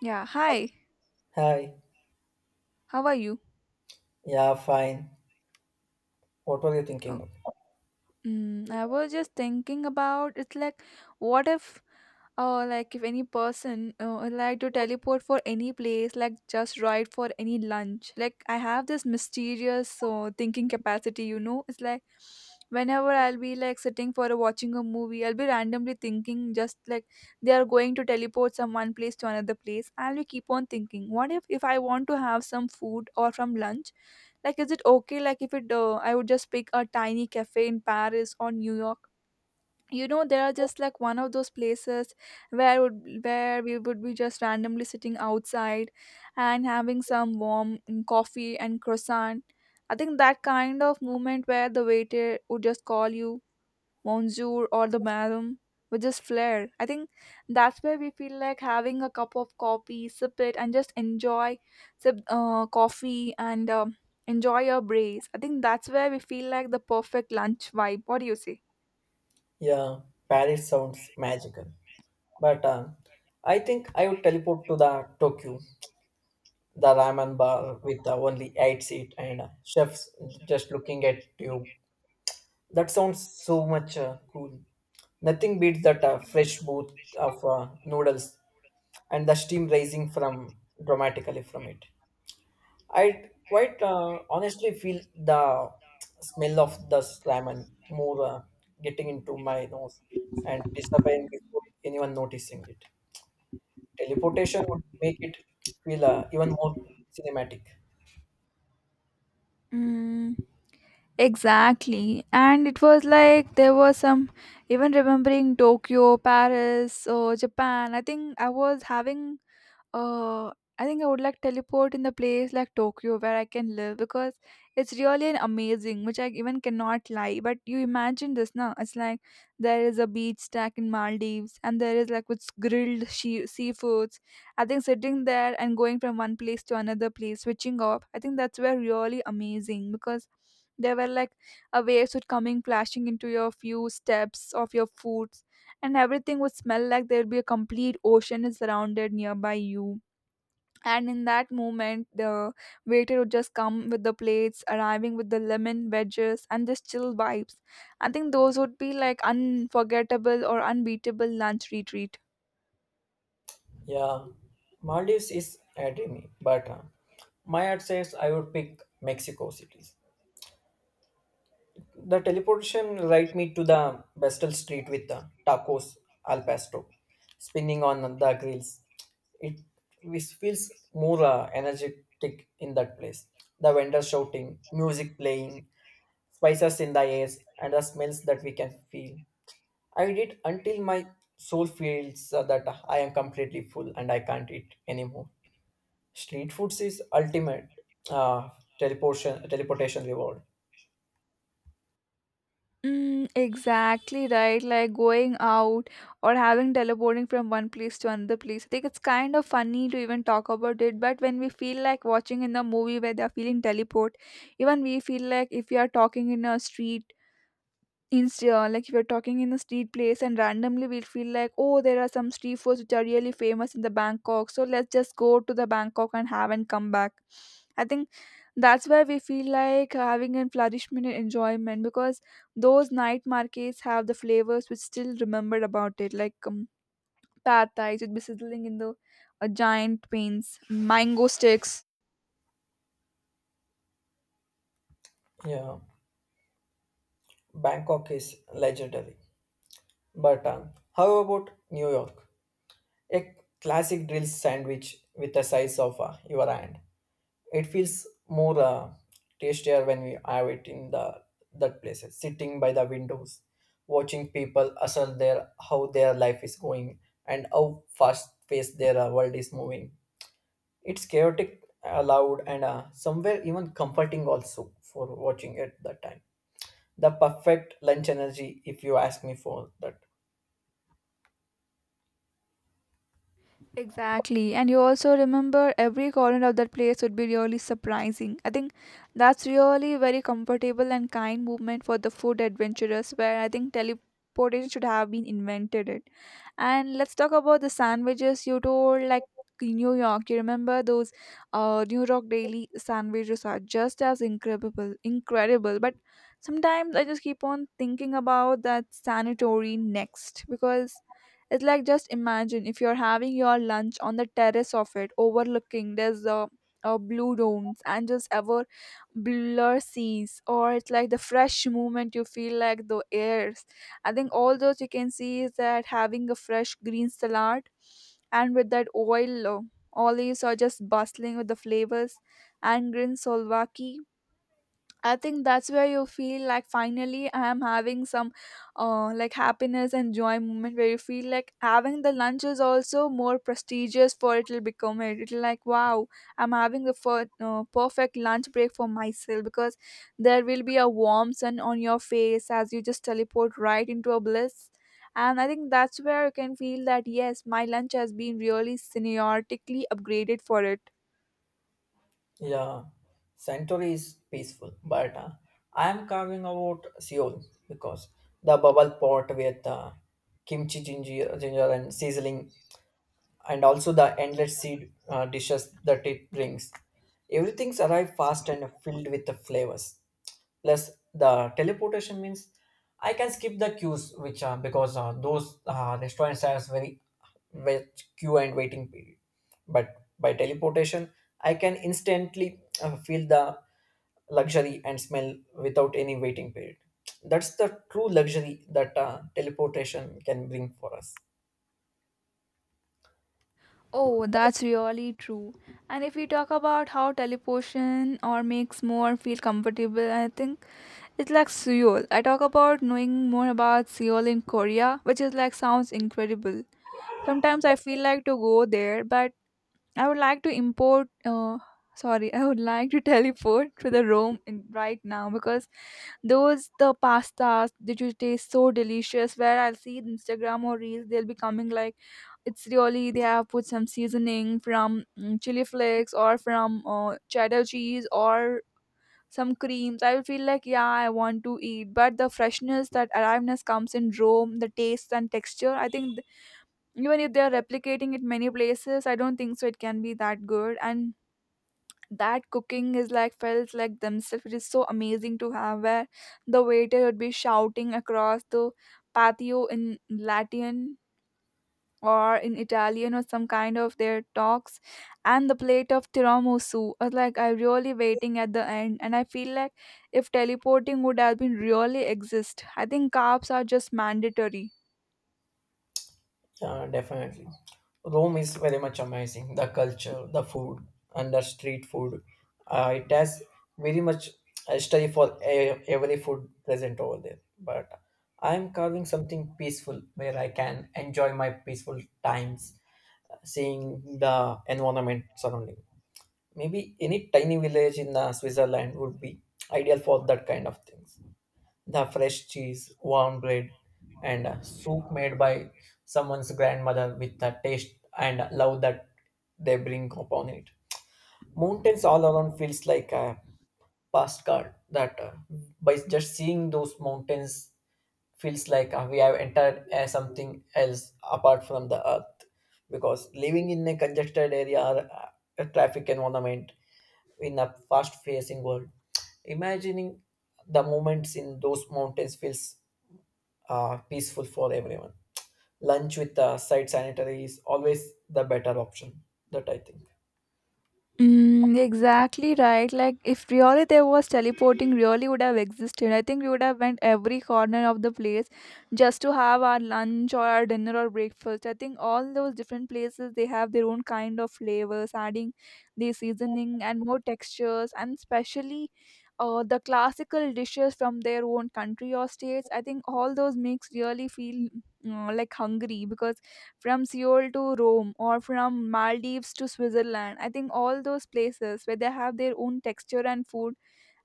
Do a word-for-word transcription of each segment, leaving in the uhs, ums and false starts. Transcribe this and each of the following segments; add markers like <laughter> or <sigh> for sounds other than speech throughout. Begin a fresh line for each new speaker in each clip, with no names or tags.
Yeah, hi.
Hi.
How are you?
Yeah, fine. What were you thinking
Oh,
of?
mm, I was just thinking about it's like what if uh like if any person uh, would like to teleport for any place like just right for any lunch. Like I have this mysterious uh, thinking capacity, you know. It's like whenever I'll be like sitting for a, watching a movie, I'll be randomly thinking just like they are going to teleport from one place to another place. I'll be keep on thinking, what if if I want to have some food or from lunch. Like, is it okay? Like, if it, uh, I would just pick a tiny cafe in Paris or New York. You know, there are just like one of those places where would where we would be just randomly sitting outside and having some warm mm, coffee and croissant. I think that kind of moment where the waiter would just call you monsieur or the madam with just flare. I think that's where we feel like having a cup of coffee, sip it, and just enjoy sip uh, coffee and um, enjoy your breeze. I think that's where we feel like the perfect lunch vibe. What do you say?
Yeah, Paris sounds magical. But um, I think I would teleport to the Tokyo, the ramen bar with the only eight seat and uh, chefs just looking at you. That sounds so much uh, cool. Nothing beats that uh, fresh boot of uh, noodles and the steam rising from dramatically from it. I quite uh, honestly feel the smell of the slime and more uh, getting into my nose and disappearing before anyone noticing it. Teleportation would make it feel uh, even more cinematic.
Mm. Exactly. And it was like there was some even remembering Tokyo, Paris, or Japan. I think I was having uh I think I would like teleport in the place like Tokyo where I can live because it's really an amazing, which I even cannot lie. But you imagine this now. It's like there is a beach stack in Maldives and there is like with grilled she- seafoods. I think sitting there and going from one place to another place, switching off, I think that's where really amazing because there were like a waves would coming flashing into your few steps of your foot, and everything would smell like there'd be a complete ocean is surrounded nearby you. And in that moment, the waiter would just come with the plates, arriving with the lemon wedges and just chill vibes. I think those would be like unforgettable or unbeatable lunch retreat.
Yeah, Maldives is a dreamy, but uh, my heart says I would pick Mexico cities. The teleportation right me to the Bestel Street with the tacos al pastor spinning on the grills. It which feels more uh, energetic in that place. The vendors shouting, music playing, spices in the air, and the smells that we can feel. I did until my soul feels uh, that I am completely full and I can't eat anymore. Street foods is ultimate uh, teleportation teleportation reward.
Mm, exactly right. Like going out or having teleporting from one place to another place. I think it's kind of funny to even talk about it, but when we feel like watching in the movie where they're feeling teleport, even we feel like if we are talking in a street instead uh, like if you're talking in a street place and randomly we'll feel like, oh, there are some street foods which are really famous in the Bangkok. So let's just go to the Bangkok and have and come back. I think that's where we feel like having a flourishment and enjoyment because those night markets have the flavors which still remembered about it like um, pad thai would be sizzling in the uh, giant pains mango sticks.
Yeah. Bangkok is legendary. But um, how about New York? A classic drill sandwich with the size of uh, your hand. It feels more uh, tastier when we have it in the that places, sitting by the windows, watching people hustle their how their life is going and how fast paced their uh, world is moving. It's chaotic, uh, loud, and uh, somewhere even comforting also for watching at that time the perfect lunch energy if you ask me for that.
Exactly. And you also remember every corner of that place would be really surprising. I think that's really very comfortable and kind movement for the food adventurers where I think teleportation should have been invented it. And let's talk about the sandwiches you told like in New York. You remember those uh New York daily sandwiches are just as incredible incredible. But sometimes I just keep on thinking about that sanatory next because it's like just imagine if you're having your lunch on the terrace of it, overlooking there's a, a blue domes and just ever blur seas, or it's like the fresh movement you feel like the airs. I think all those you can see is that having a fresh green salad and with that oil uh, olives are just bustling with the flavors and green solvaki. I think that's where you feel like finally I am having some uh, like happiness and joy moment where you feel like having the lunch is also more prestigious for it'll become it. It'll like wow, I'm having the fir- uh, perfect lunch break for myself because there will be a warm sun on your face as you just teleport right into a bliss. And I think that's where you can feel that yes, my lunch has been really semiotically upgraded for it.
Yeah, Centauri is peaceful but uh, I am carving out Seoul because the bubble pot with uh, kimchi ginger, ginger and sizzling and also the endless seed uh, dishes that it brings. Everything's arrive fast and filled with the flavors. Plus, the teleportation means I can skip the queues, which are because uh, those uh, restaurants has very much queue and waiting period. But by teleportation, I can instantly uh, feel the luxury and smell without any waiting period. That's the true luxury that uh, teleportation can bring for us.
Oh, that's really true. And if we talk about how teleportation or makes more feel comfortable, I think it's like Seoul. I talk about knowing more about Seoul in Korea, which is like sounds incredible. Sometimes I feel like to go there, but I would like to import. Uh, sorry, <laughs> I would like to teleport to the Rome in, right now because those the pastas that you taste so delicious. Where I'll see Instagram or reels, they'll be coming like it's really they have put some seasoning from mm, chili flakes or from uh, cheddar cheese or some creams. I will feel like yeah I want to eat, but the freshness, that aliveness comes in Rome, the taste and texture. I think th- even if they are replicating it many places, I don't think so it can be that good. And that cooking is like felt like themselves. It is so amazing to have where the waiter would be shouting across the patio in Latin or in Italian or some kind of their talks and the plate of tiramisu. I was like I really waiting at the end and I feel like if teleporting would have been really exist. I think carbs are just mandatory.
Yeah, definitely. Rome is very much amazing. The culture, the food, and the street food. Uh, it has very much history for e- every food present over there. But I'm carving something peaceful where I can enjoy my peaceful times, seeing the environment surrounding. Maybe any tiny village in uh, Switzerland would be ideal for that kind of things, the fresh cheese, warm bread, and uh, soup made by someone's grandmother with the taste and love that they bring upon it. Mountains all around feels like a postcard that uh, by just seeing those mountains feels like uh, we have entered uh, something else apart from the earth because living in a congested area or uh, a traffic environment in a fast facing world imagining the moments in those mountains feels uh, peaceful for everyone. Lunch with uh, site sanitary is always the better option. That I think.
Mm, exactly right. Like if really there was teleporting, really would have existed. I think we would have went every corner of the place just to have our lunch or our dinner or breakfast. I think all those different places they have their own kind of flavors, adding the seasoning and more textures, and especially uh, the classical dishes from their own country or states. I think all those makes really feel uh, like hungry because from Seoul to Rome or from Maldives to Switzerland. I think all those places where they have their own texture and food,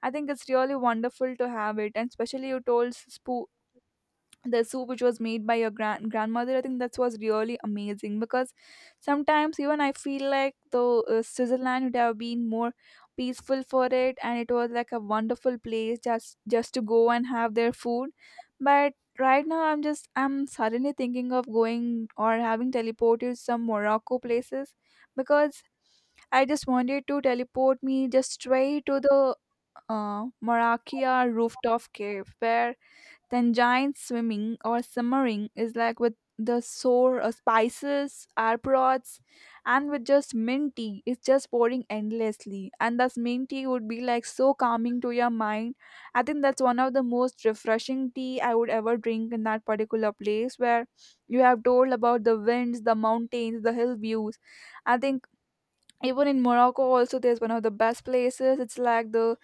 I think it's really wonderful to have it. And especially you told spo- the soup which was made by your grand grandmother. I think that was really amazing because sometimes even I feel like the uh, Switzerland would have been more peaceful for it, and it was like a wonderful place just just to go and have their food. But right now i'm just I'm suddenly thinking of going or having teleported some Morocco places because I just wanted to teleport me just straight to the uh, Maracaya rooftop cave where then swimming or simmering is like with the sour uh, spices, arprots, and with just mint tea. It's just pouring endlessly. And thus mint tea would be like so calming to your mind. I think that's one of the most refreshing tea I would ever drink in that particular place where you have told about the winds, the mountains, the hill views. I think even in Morocco also there's one of the best places. It's like the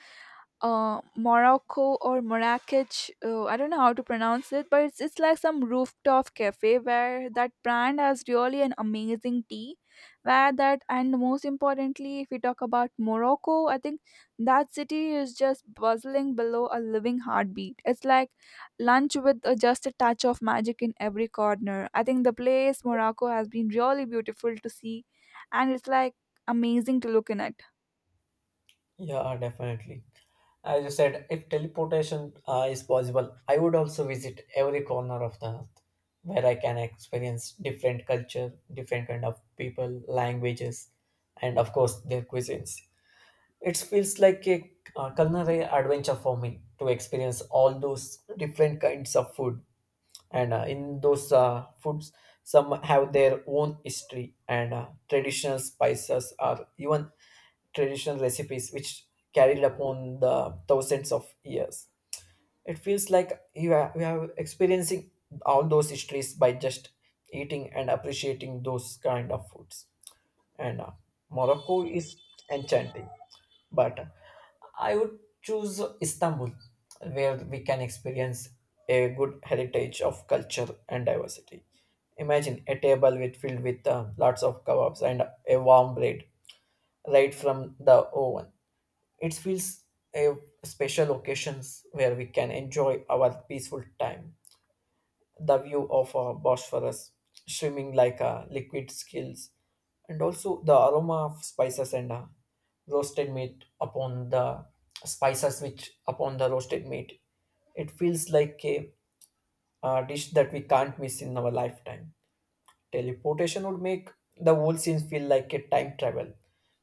uh, Morocco or Marrakech. Uh, I don't know how to pronounce it, but it's, it's like some rooftop cafe where that brand has really an amazing tea. Where that, and most importantly, if we talk about Morocco, I think that city is just bustling below a living heartbeat. It's like lunch with uh, just a touch of magic in every corner. I think the place Morocco has been really beautiful to see, and it's like amazing to look in at.
Yeah, definitely. As you said, if teleportation uh, is possible, I would also visit every corner of the earth where I can experience different culture, different kind of people, languages, and of course their cuisines. It feels like a uh, culinary adventure for me to experience all those different kinds of food and uh, in those uh, foods some have their own history and uh, traditional spices or even traditional recipes which carried upon the thousands of years. It feels like you are, we are experiencing all those histories by just eating and appreciating those kind of foods, and uh, Morocco is enchanting but uh, I would choose Istanbul, where we can experience a good heritage of culture and diversity. Imagine a table with filled with uh, lots of kebabs and a warm bread right from the oven. It feels a special occasions where we can enjoy our peaceful time the view of uh, Bosphorus swimming like uh, liquid skills, and also the aroma of spices and uh, roasted meat upon the spices which upon the roasted meat. It feels like a uh, dish that we can't miss in our lifetime. Teleportation would make the whole scene feel like a time travel,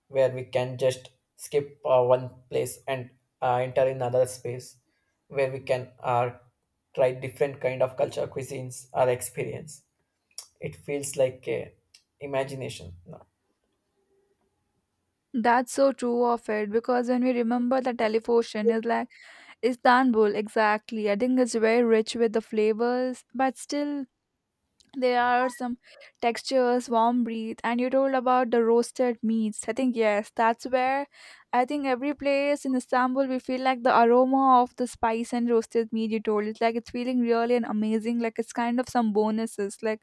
where we can just skip uh, one place and uh, enter another space, where we can uh, try different kind of culture, cuisines, or experience. It feels like a imagination. No?
That's so true of it because when we remember the teleportation is like Istanbul exactly. I think it's very rich with the flavors, but still there are some textures, warm breathe, and you told about the roasted meats. I think yes, that's where I think every place in Istanbul we feel like the aroma of the spice and roasted meat you told. It's like it's feeling really and amazing. Like it's kind of some bonuses, like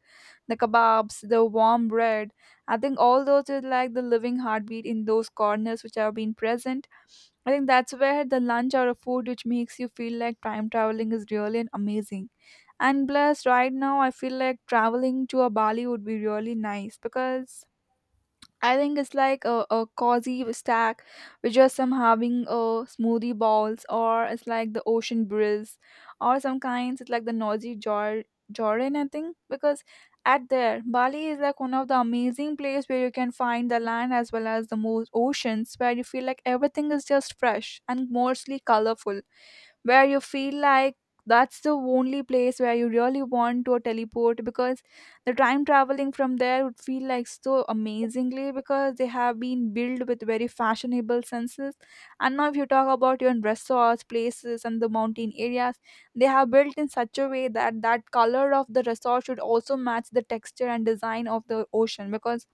the kebabs, the warm bread. I think all those is like the living heartbeat in those corners which have been present. I think that's where the lunch or a food which makes you feel like time traveling is really and amazing. And plus, right now, I feel like traveling to a Bali would be really nice because I think it's like a, a cozy stack with just some having a smoothie balls, or it's like the ocean breeze, or some kinds, it's like the noisy Jor- Jordan, I think. Because at there, Bali is like one of the amazing place where you can find the land as well as the most oceans where you feel like everything is just fresh and mostly colorful where you feel like that's the only place where you really want to teleport because the time traveling from there would feel like so amazingly because they have been built with very fashionable senses. And now if you talk about even resorts places and the mountain areas, they have built in such a way that that color of the resort should also match the texture and design of the ocean because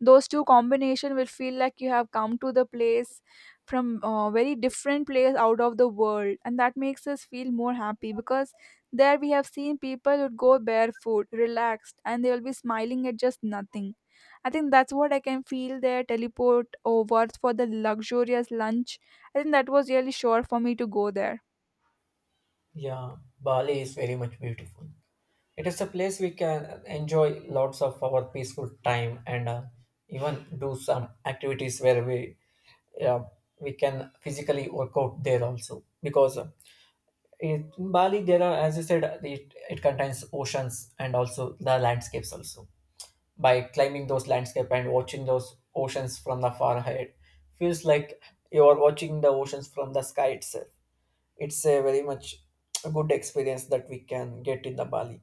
those two combination will feel like you have come to the place from uh, very different place out of the world, and that makes us feel more happy because there we have seen people would go barefoot relaxed and they will be smiling at just nothing. I think that's what I can feel there, teleport over for the luxurious lunch. I think that was really sure for me to go there.
Yeah, Bali is very much beautiful. It is a place we can enjoy lots of our peaceful time and uh, even do some activities where we, yeah, we can physically work out there also because uh, in Bali there are, as you said it, it contains oceans and also the landscapes also. By climbing those landscape and watching those oceans from the far ahead feels like you are watching the oceans from the sky itself. It's a very much a good experience that we can get in the Bali.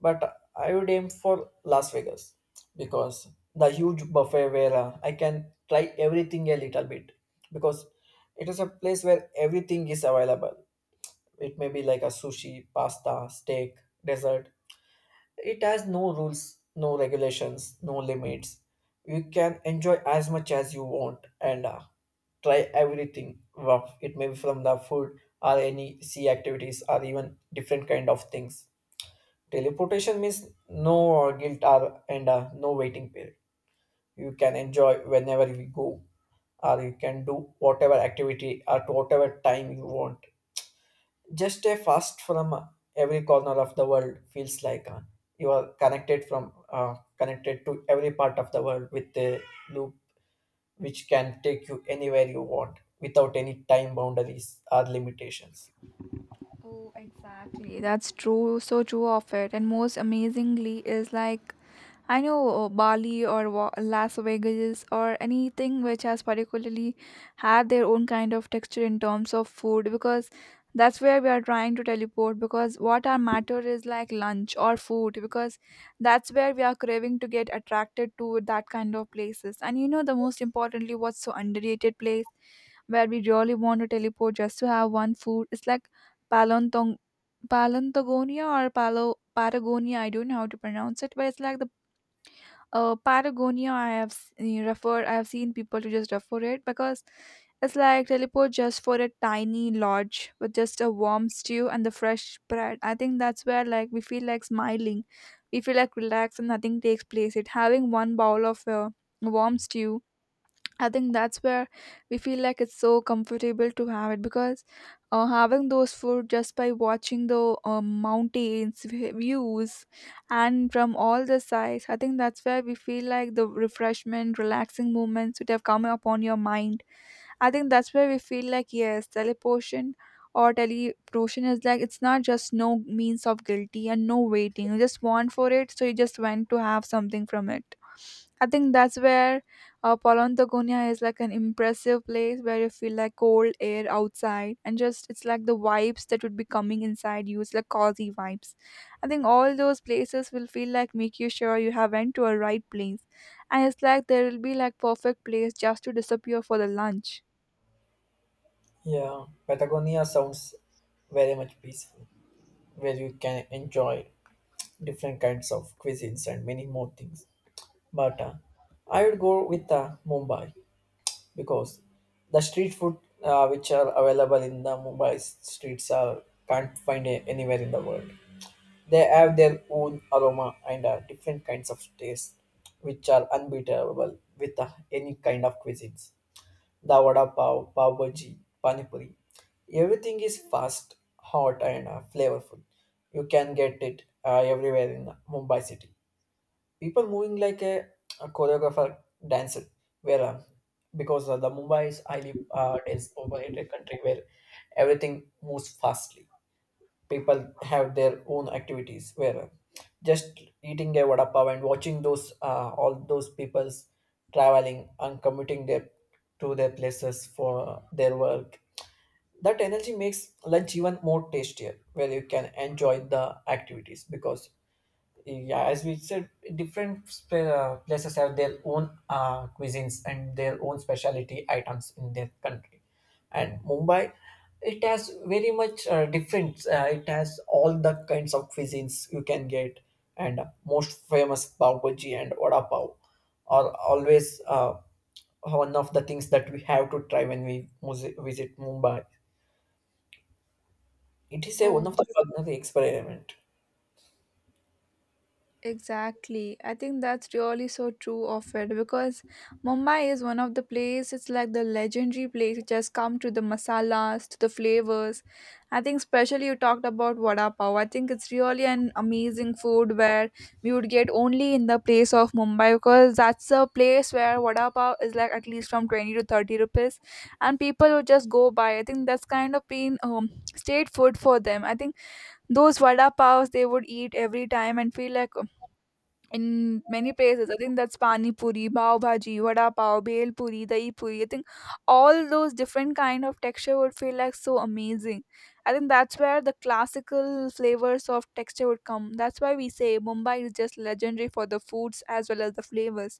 But I would aim for Las Vegas because the huge buffet where uh, I can try everything a little bit because it is a place where everything is available. It may be like a sushi, pasta, steak, dessert, it has no rules, no regulations, no limits. You can enjoy as much as you want and uh, try everything. Wow, it may be from the food or any sea activities or even different kind of things. Teleportation means no uh, guilt or and uh, no waiting period. You can enjoy whenever we go, or you can do whatever activity at whatever time you want, just a fast from every corner of the world feels like uh, you are connected from uh, connected to every part of the world with a loop which can take you anywhere you want without any time boundaries or limitations.
Oh, exactly. That's true. So true of it. And most amazingly is like, I know uh, Bali or Wa- Las Vegas or anything which has particularly had their own kind of texture in terms of food because that's where we are trying to teleport because what our matter is like lunch or food because that's where we are craving to get attracted to that kind of places. And you know, the most importantly, what's so underrated place where we really want to teleport just to have one food. It's like Palantong Palantagonia or Palo Patagonia, I don't know how to pronounce it, but it's like the uh, Patagonia. I have s- referred, I have seen people to just refer it because it's like teleport just for a tiny lodge with just a warm stew and the fresh bread. I think that's where like we feel like smiling, we feel like relaxed and nothing takes place. It having one bowl of uh, warm stew. I think that's where we feel like it's so comfortable to have it because uh, having those food just by watching the uh, mountains vi- views and from all the sides, I think that's where we feel like the refreshment, relaxing moments would have come upon your mind. I think that's where we feel like yes, teleportation or teleportation is like it's not just no means of guilty and no waiting. You just want for it, so you just went to have something from it. I think that's where uh, Polonthogonia is like an impressive place where you feel like cold air outside and just it's like the vibes that would be coming inside you. It's like cozy vibes. I think all those places will feel like make you sure you have went to a right place. And it's like there will be like perfect place just to disappear for the lunch.
Yeah, Patagonia sounds very much peaceful where you can enjoy different kinds of cuisines and many more things, but uh, I would go with uh, Mumbai because the street food uh, which are available in the Mumbai streets are, can't find a- anywhere in the world. They have their own aroma and uh, different kinds of taste, which are unbeatable with uh, any kind of cuisines. The vada pav, pav bhaji, pani puri, everything is fast, hot, and uh, flavorful. You can get it uh, everywhere in Mumbai city, people moving like a, a choreographer dancer where uh, because uh, the Mumbai is highly uh, dense populated country where everything moves fastly. People have their own activities where uh, just eating a vada pav and watching those uh, all those people's traveling and commuting their to their places for their work, that energy makes lunch even more tastier where you can enjoy the activities because, yeah, as we said, different sp- uh, places have their own uh, cuisines and their own specialty items in their country. And Mumbai, it has very much uh, different uh, it has all the kinds of cuisines you can get. And most famous pav bhaji and vada pav are always uh, one of the things that we have to try when we mus- visit Mumbai. It is a one
Oh.
of the culinary experiment.
Exactly. I think that's really so true of it because Mumbai is one of the place it's like the legendary place which has come to the masalas, to the flavors. I think especially you talked about vada pav. I think it's really an amazing food where we would get only in the place of Mumbai because that's a place where vada pav is like at least from twenty to thirty rupees and people would just go by. I think that's kind of been um, state food for them. I think those vada pavs they would eat every time and feel like um, in many places. I think that's pani puri, pav bhaji, vada pav, bhel puri, dahi puri. I think all those different kind of texture would feel like so amazing. I think that's where the classical flavors of texture would come. That's why we say Mumbai is just legendary for the foods as well as the flavors.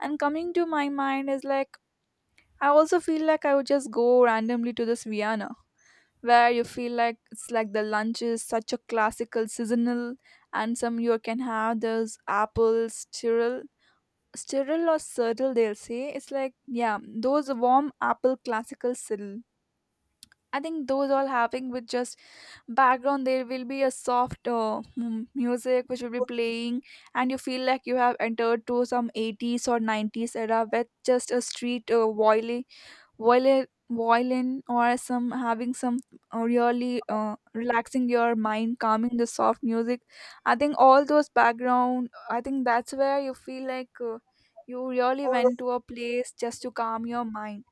And coming to my mind is like I also feel like I would just go randomly to this Vienna where you feel like it's like the lunch is such a classical seasonal and some you can have those apples sterile sterile or cyril they'll say, it's like yeah, those warm apple classical cyril. I think those all having with just background, there will be a soft uh, mu- music which will be playing and you feel like you have entered to some eighties or nineties era with just a street uh, violin, violin or some having some uh, really uh, relaxing your mind, calming the soft music. I think all those background. I think that's where you feel like uh, you really went to a place just to calm your mind.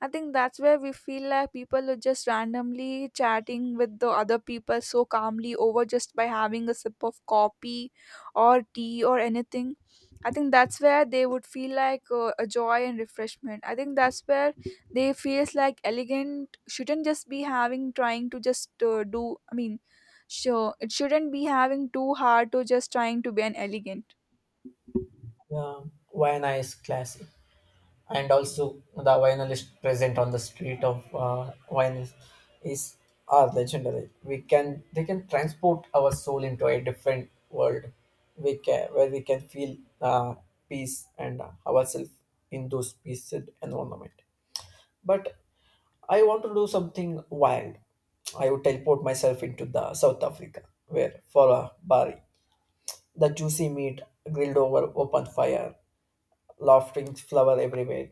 I think that's where we feel like people are just randomly chatting with the other people so calmly over just by having a sip of coffee or tea or anything. I think that's where they would feel like uh, a joy and refreshment. I think that's where they feels like elegant shouldn't just be having trying to just uh, do I mean sure it shouldn't be having too hard to just trying to be an elegant.
Yeah, why nice classic, and also the vinylists present on the street of uh, vinyl is, are legendary. We can, they can transport our soul into a different world. We can where we can feel uh, peace and ourselves in those peaceful environment. But I want to do something wild. I would teleport myself into the South Africa, where for a bari, the juicy meat grilled over open fire, laughing flower everywhere,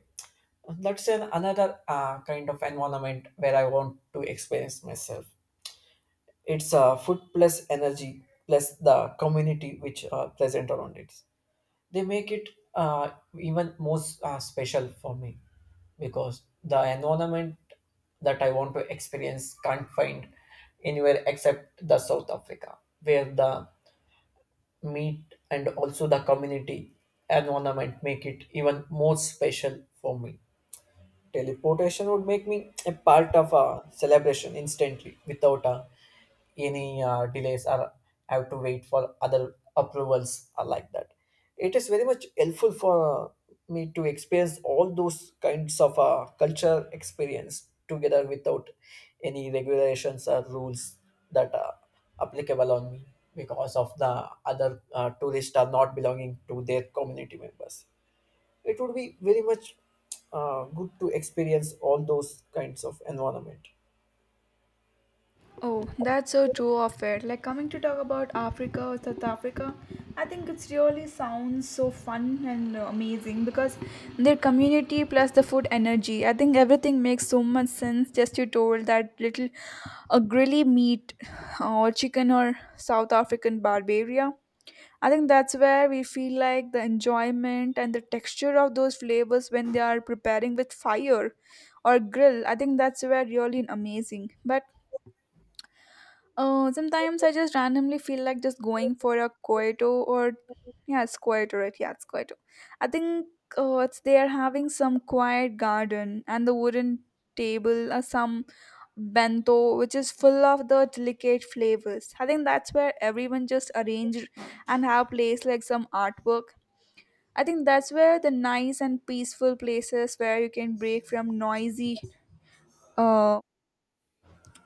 that's an another uh, kind of environment where I want to experience myself. It's uh, food plus energy plus the community which are present around it. They make it uh, even more uh, special for me because the environment that I want to experience can't find anywhere except the South Africa, where the meat and also the community environment make it even more special for me. Teleportation would make me a part of a celebration instantly without uh, any uh, delays or I have to wait for other approvals or like that. It is very much helpful for me to experience all those kinds of uh, culture experience together without any regulations or rules that are applicable on me because of the other uh, tourists are not belonging to their community members. It would be very much uh, good to experience all those kinds of environment.
Oh, that's so true of it. Like coming to talk about Africa or South Africa, I think it's really sounds so fun and uh, amazing because their community plus the food energy. I think everything makes so much sense. Just you told that little a grilly meat uh, or chicken or South African barbaria. I think that's where we feel like the enjoyment and the texture of those flavors when they are preparing with fire or grill. I think that's where really amazing. But uh, sometimes I just randomly feel like just going for a Coito or yeah, it's Coito, right? Yeah, it's Coito. I think uh, it's they are having some quiet garden and the wooden table or some bento which is full of the delicate flavors. I think that's where everyone just arranged and have placed like some artwork. I think that's where the nice and peaceful places where you can break from noisy uh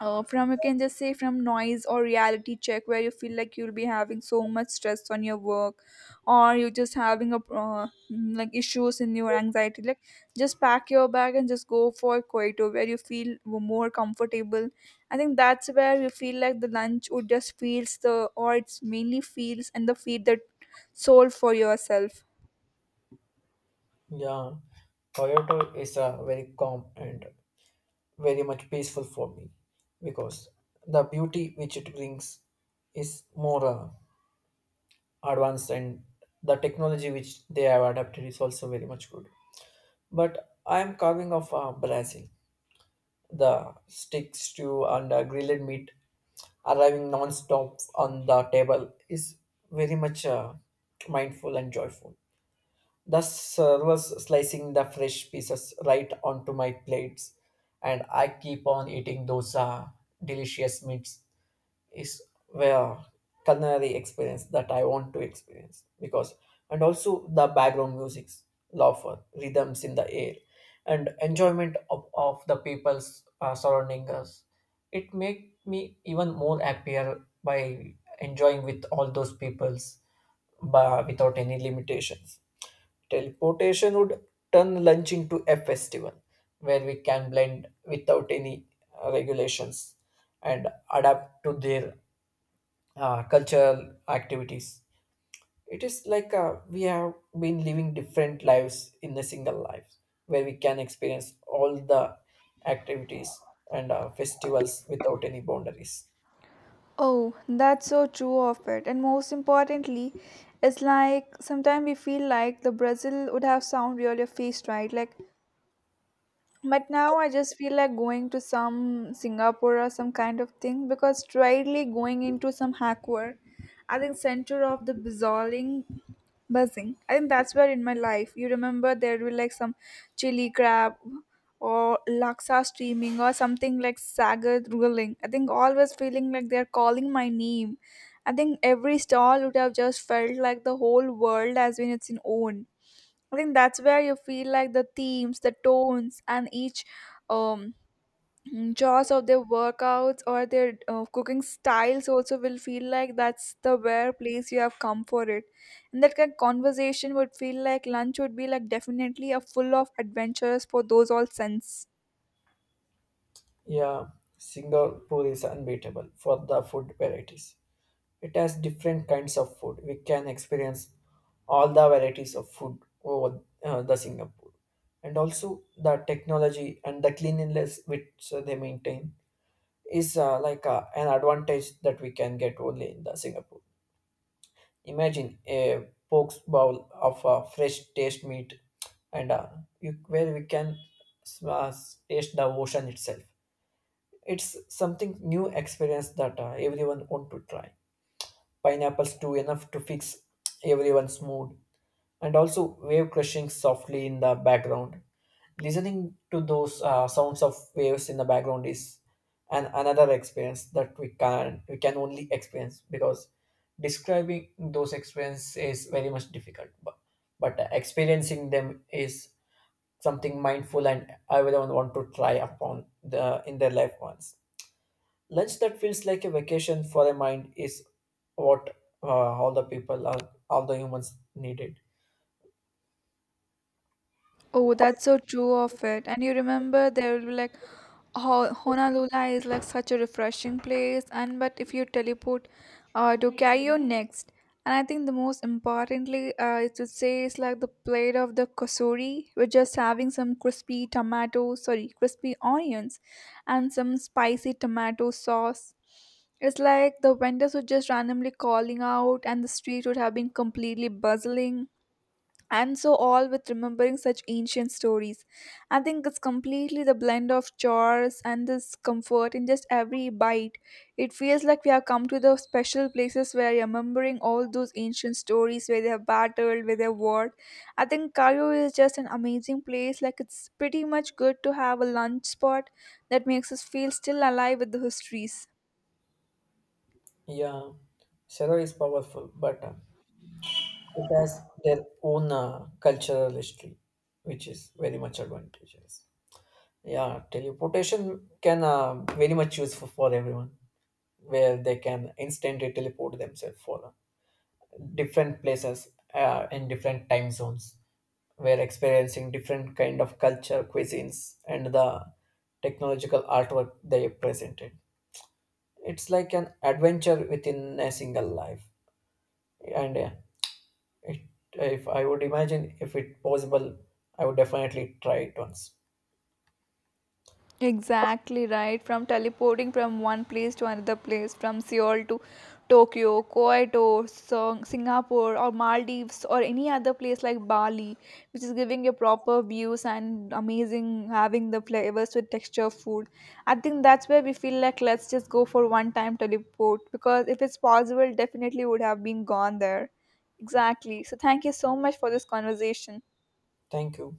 uh, from you can just say from noise or reality check where you feel like you'll be having so much stress on your work or you're just having a uh, mm, like issues in your anxiety, like just pack your bag and just go for Koito where you feel more comfortable. I think that's where you feel like the lunch would just feels the or it's mainly feels and the feed the soul for yourself.
Yeah, Kyoto is a very calm and very much peaceful for me because the beauty which it brings is more uh, advanced and the technology which they have adapted is also very much good. But I am carving of uh, Brazil, the sticks to and uh, grilled meat arriving non-stop on the table is very much uh, mindful and joyful. The servers slicing the fresh pieces right onto my plates, and I keep on eating those uh, delicious meats is where culinary experience that I want to experience because, and also the background music's love for rhythms in the air and enjoyment of, of the people's uh, surrounding us, it make me even more happier by enjoying with all those people's but without any limitations. Teleportation would turn lunch into a festival where we can blend without any uh, regulations and adapt to their uh, cultural activities. It is like uh, we have been living different lives in a single life, where we can experience all the activities and uh, festivals without any boundaries.
Oh, that's so true of it. And most importantly, it's like sometimes we feel like the Brazil would have sound really faced right. Like but now I just feel like going to some Singapore or some kind of thing because straightly going into some hackware, I think center of the bizarring buzzing. I think that's where in my life you remember there will like some chili crab or laksa steaming or something like sagar rolling. I think always feeling like they're calling my name. I think every stall would have just felt like the whole world has been its own. I think that's where you feel like the themes, the tones, and each um, jaws of their workouts or their uh, cooking styles also will feel like that's the where place you have come for it. And that kind of conversation would feel like lunch would be like definitely a full of adventures for those all sense.
Yeah, Singapore is unbeatable for the food varieties. It has different kinds of food. We can experience all the varieties of food over uh, the Singapore, and also the technology and the cleanliness which uh, they maintain is uh, like uh, an advantage that we can get only in the Singapore. Imagine a pokes bowl of uh, fresh taste meat, and uh, you, where we can s- uh, s- taste the ocean itself. It's something new experience that uh, everyone want to try. Pineapples too enough to fix everyone's mood, and also wave crushing softly in the background. Listening to those uh, sounds of waves in the background is an another experience that we can we can only experience because describing those experiences is very much difficult. But, but experiencing them is something mindful and everyone want to try upon the in their life once. Lunch that feels like a vacation for a mind is what uh, all the people, all, all the humans needed.
Oh, that's so true of it. And you remember there will be like Ho- Honolulu is like such a refreshing place and but if you teleport uh to Cayo next. And I think the most importantly uh it would say it's like the plate of the kosuri with just having some crispy tomato sorry, crispy onions and some spicy tomato sauce. It's like the vendors were just randomly calling out and the street would have been completely bustling and so all with remembering such ancient stories. I think it's completely the blend of chores and this comfort in just every bite. It feels like we have come to the special places where you're remembering all those ancient stories where they have battled where they have warred. I think Cairo is just an amazing place, like it's pretty much good to have a lunch spot that makes us feel still alive with the histories.
Yeah, Sarah is powerful, but uh, it has their own uh, cultural history, which is very much advantageous. Yeah, teleportation can uh, very much useful for everyone, where they can instantly teleport themselves for uh, different places uh, in different time zones, where experiencing different kind of culture, cuisines, and the technological artwork they presented. It's like an adventure within a single life, and uh, it, if I would imagine, if it possible, I would definitely try it once.
Exactly right. From teleporting from one place to another place, from Seoul to Tokyo, Kyoto, Sing- Singapore, or Maldives, or any other place like Bali, which is giving you proper views and amazing having the flavors with texture of food. I think that's where we feel like let's just go for one time teleport because if it's possible, definitely would have been gone there. Exactly. So, thank you so much for this conversation.
Thank you.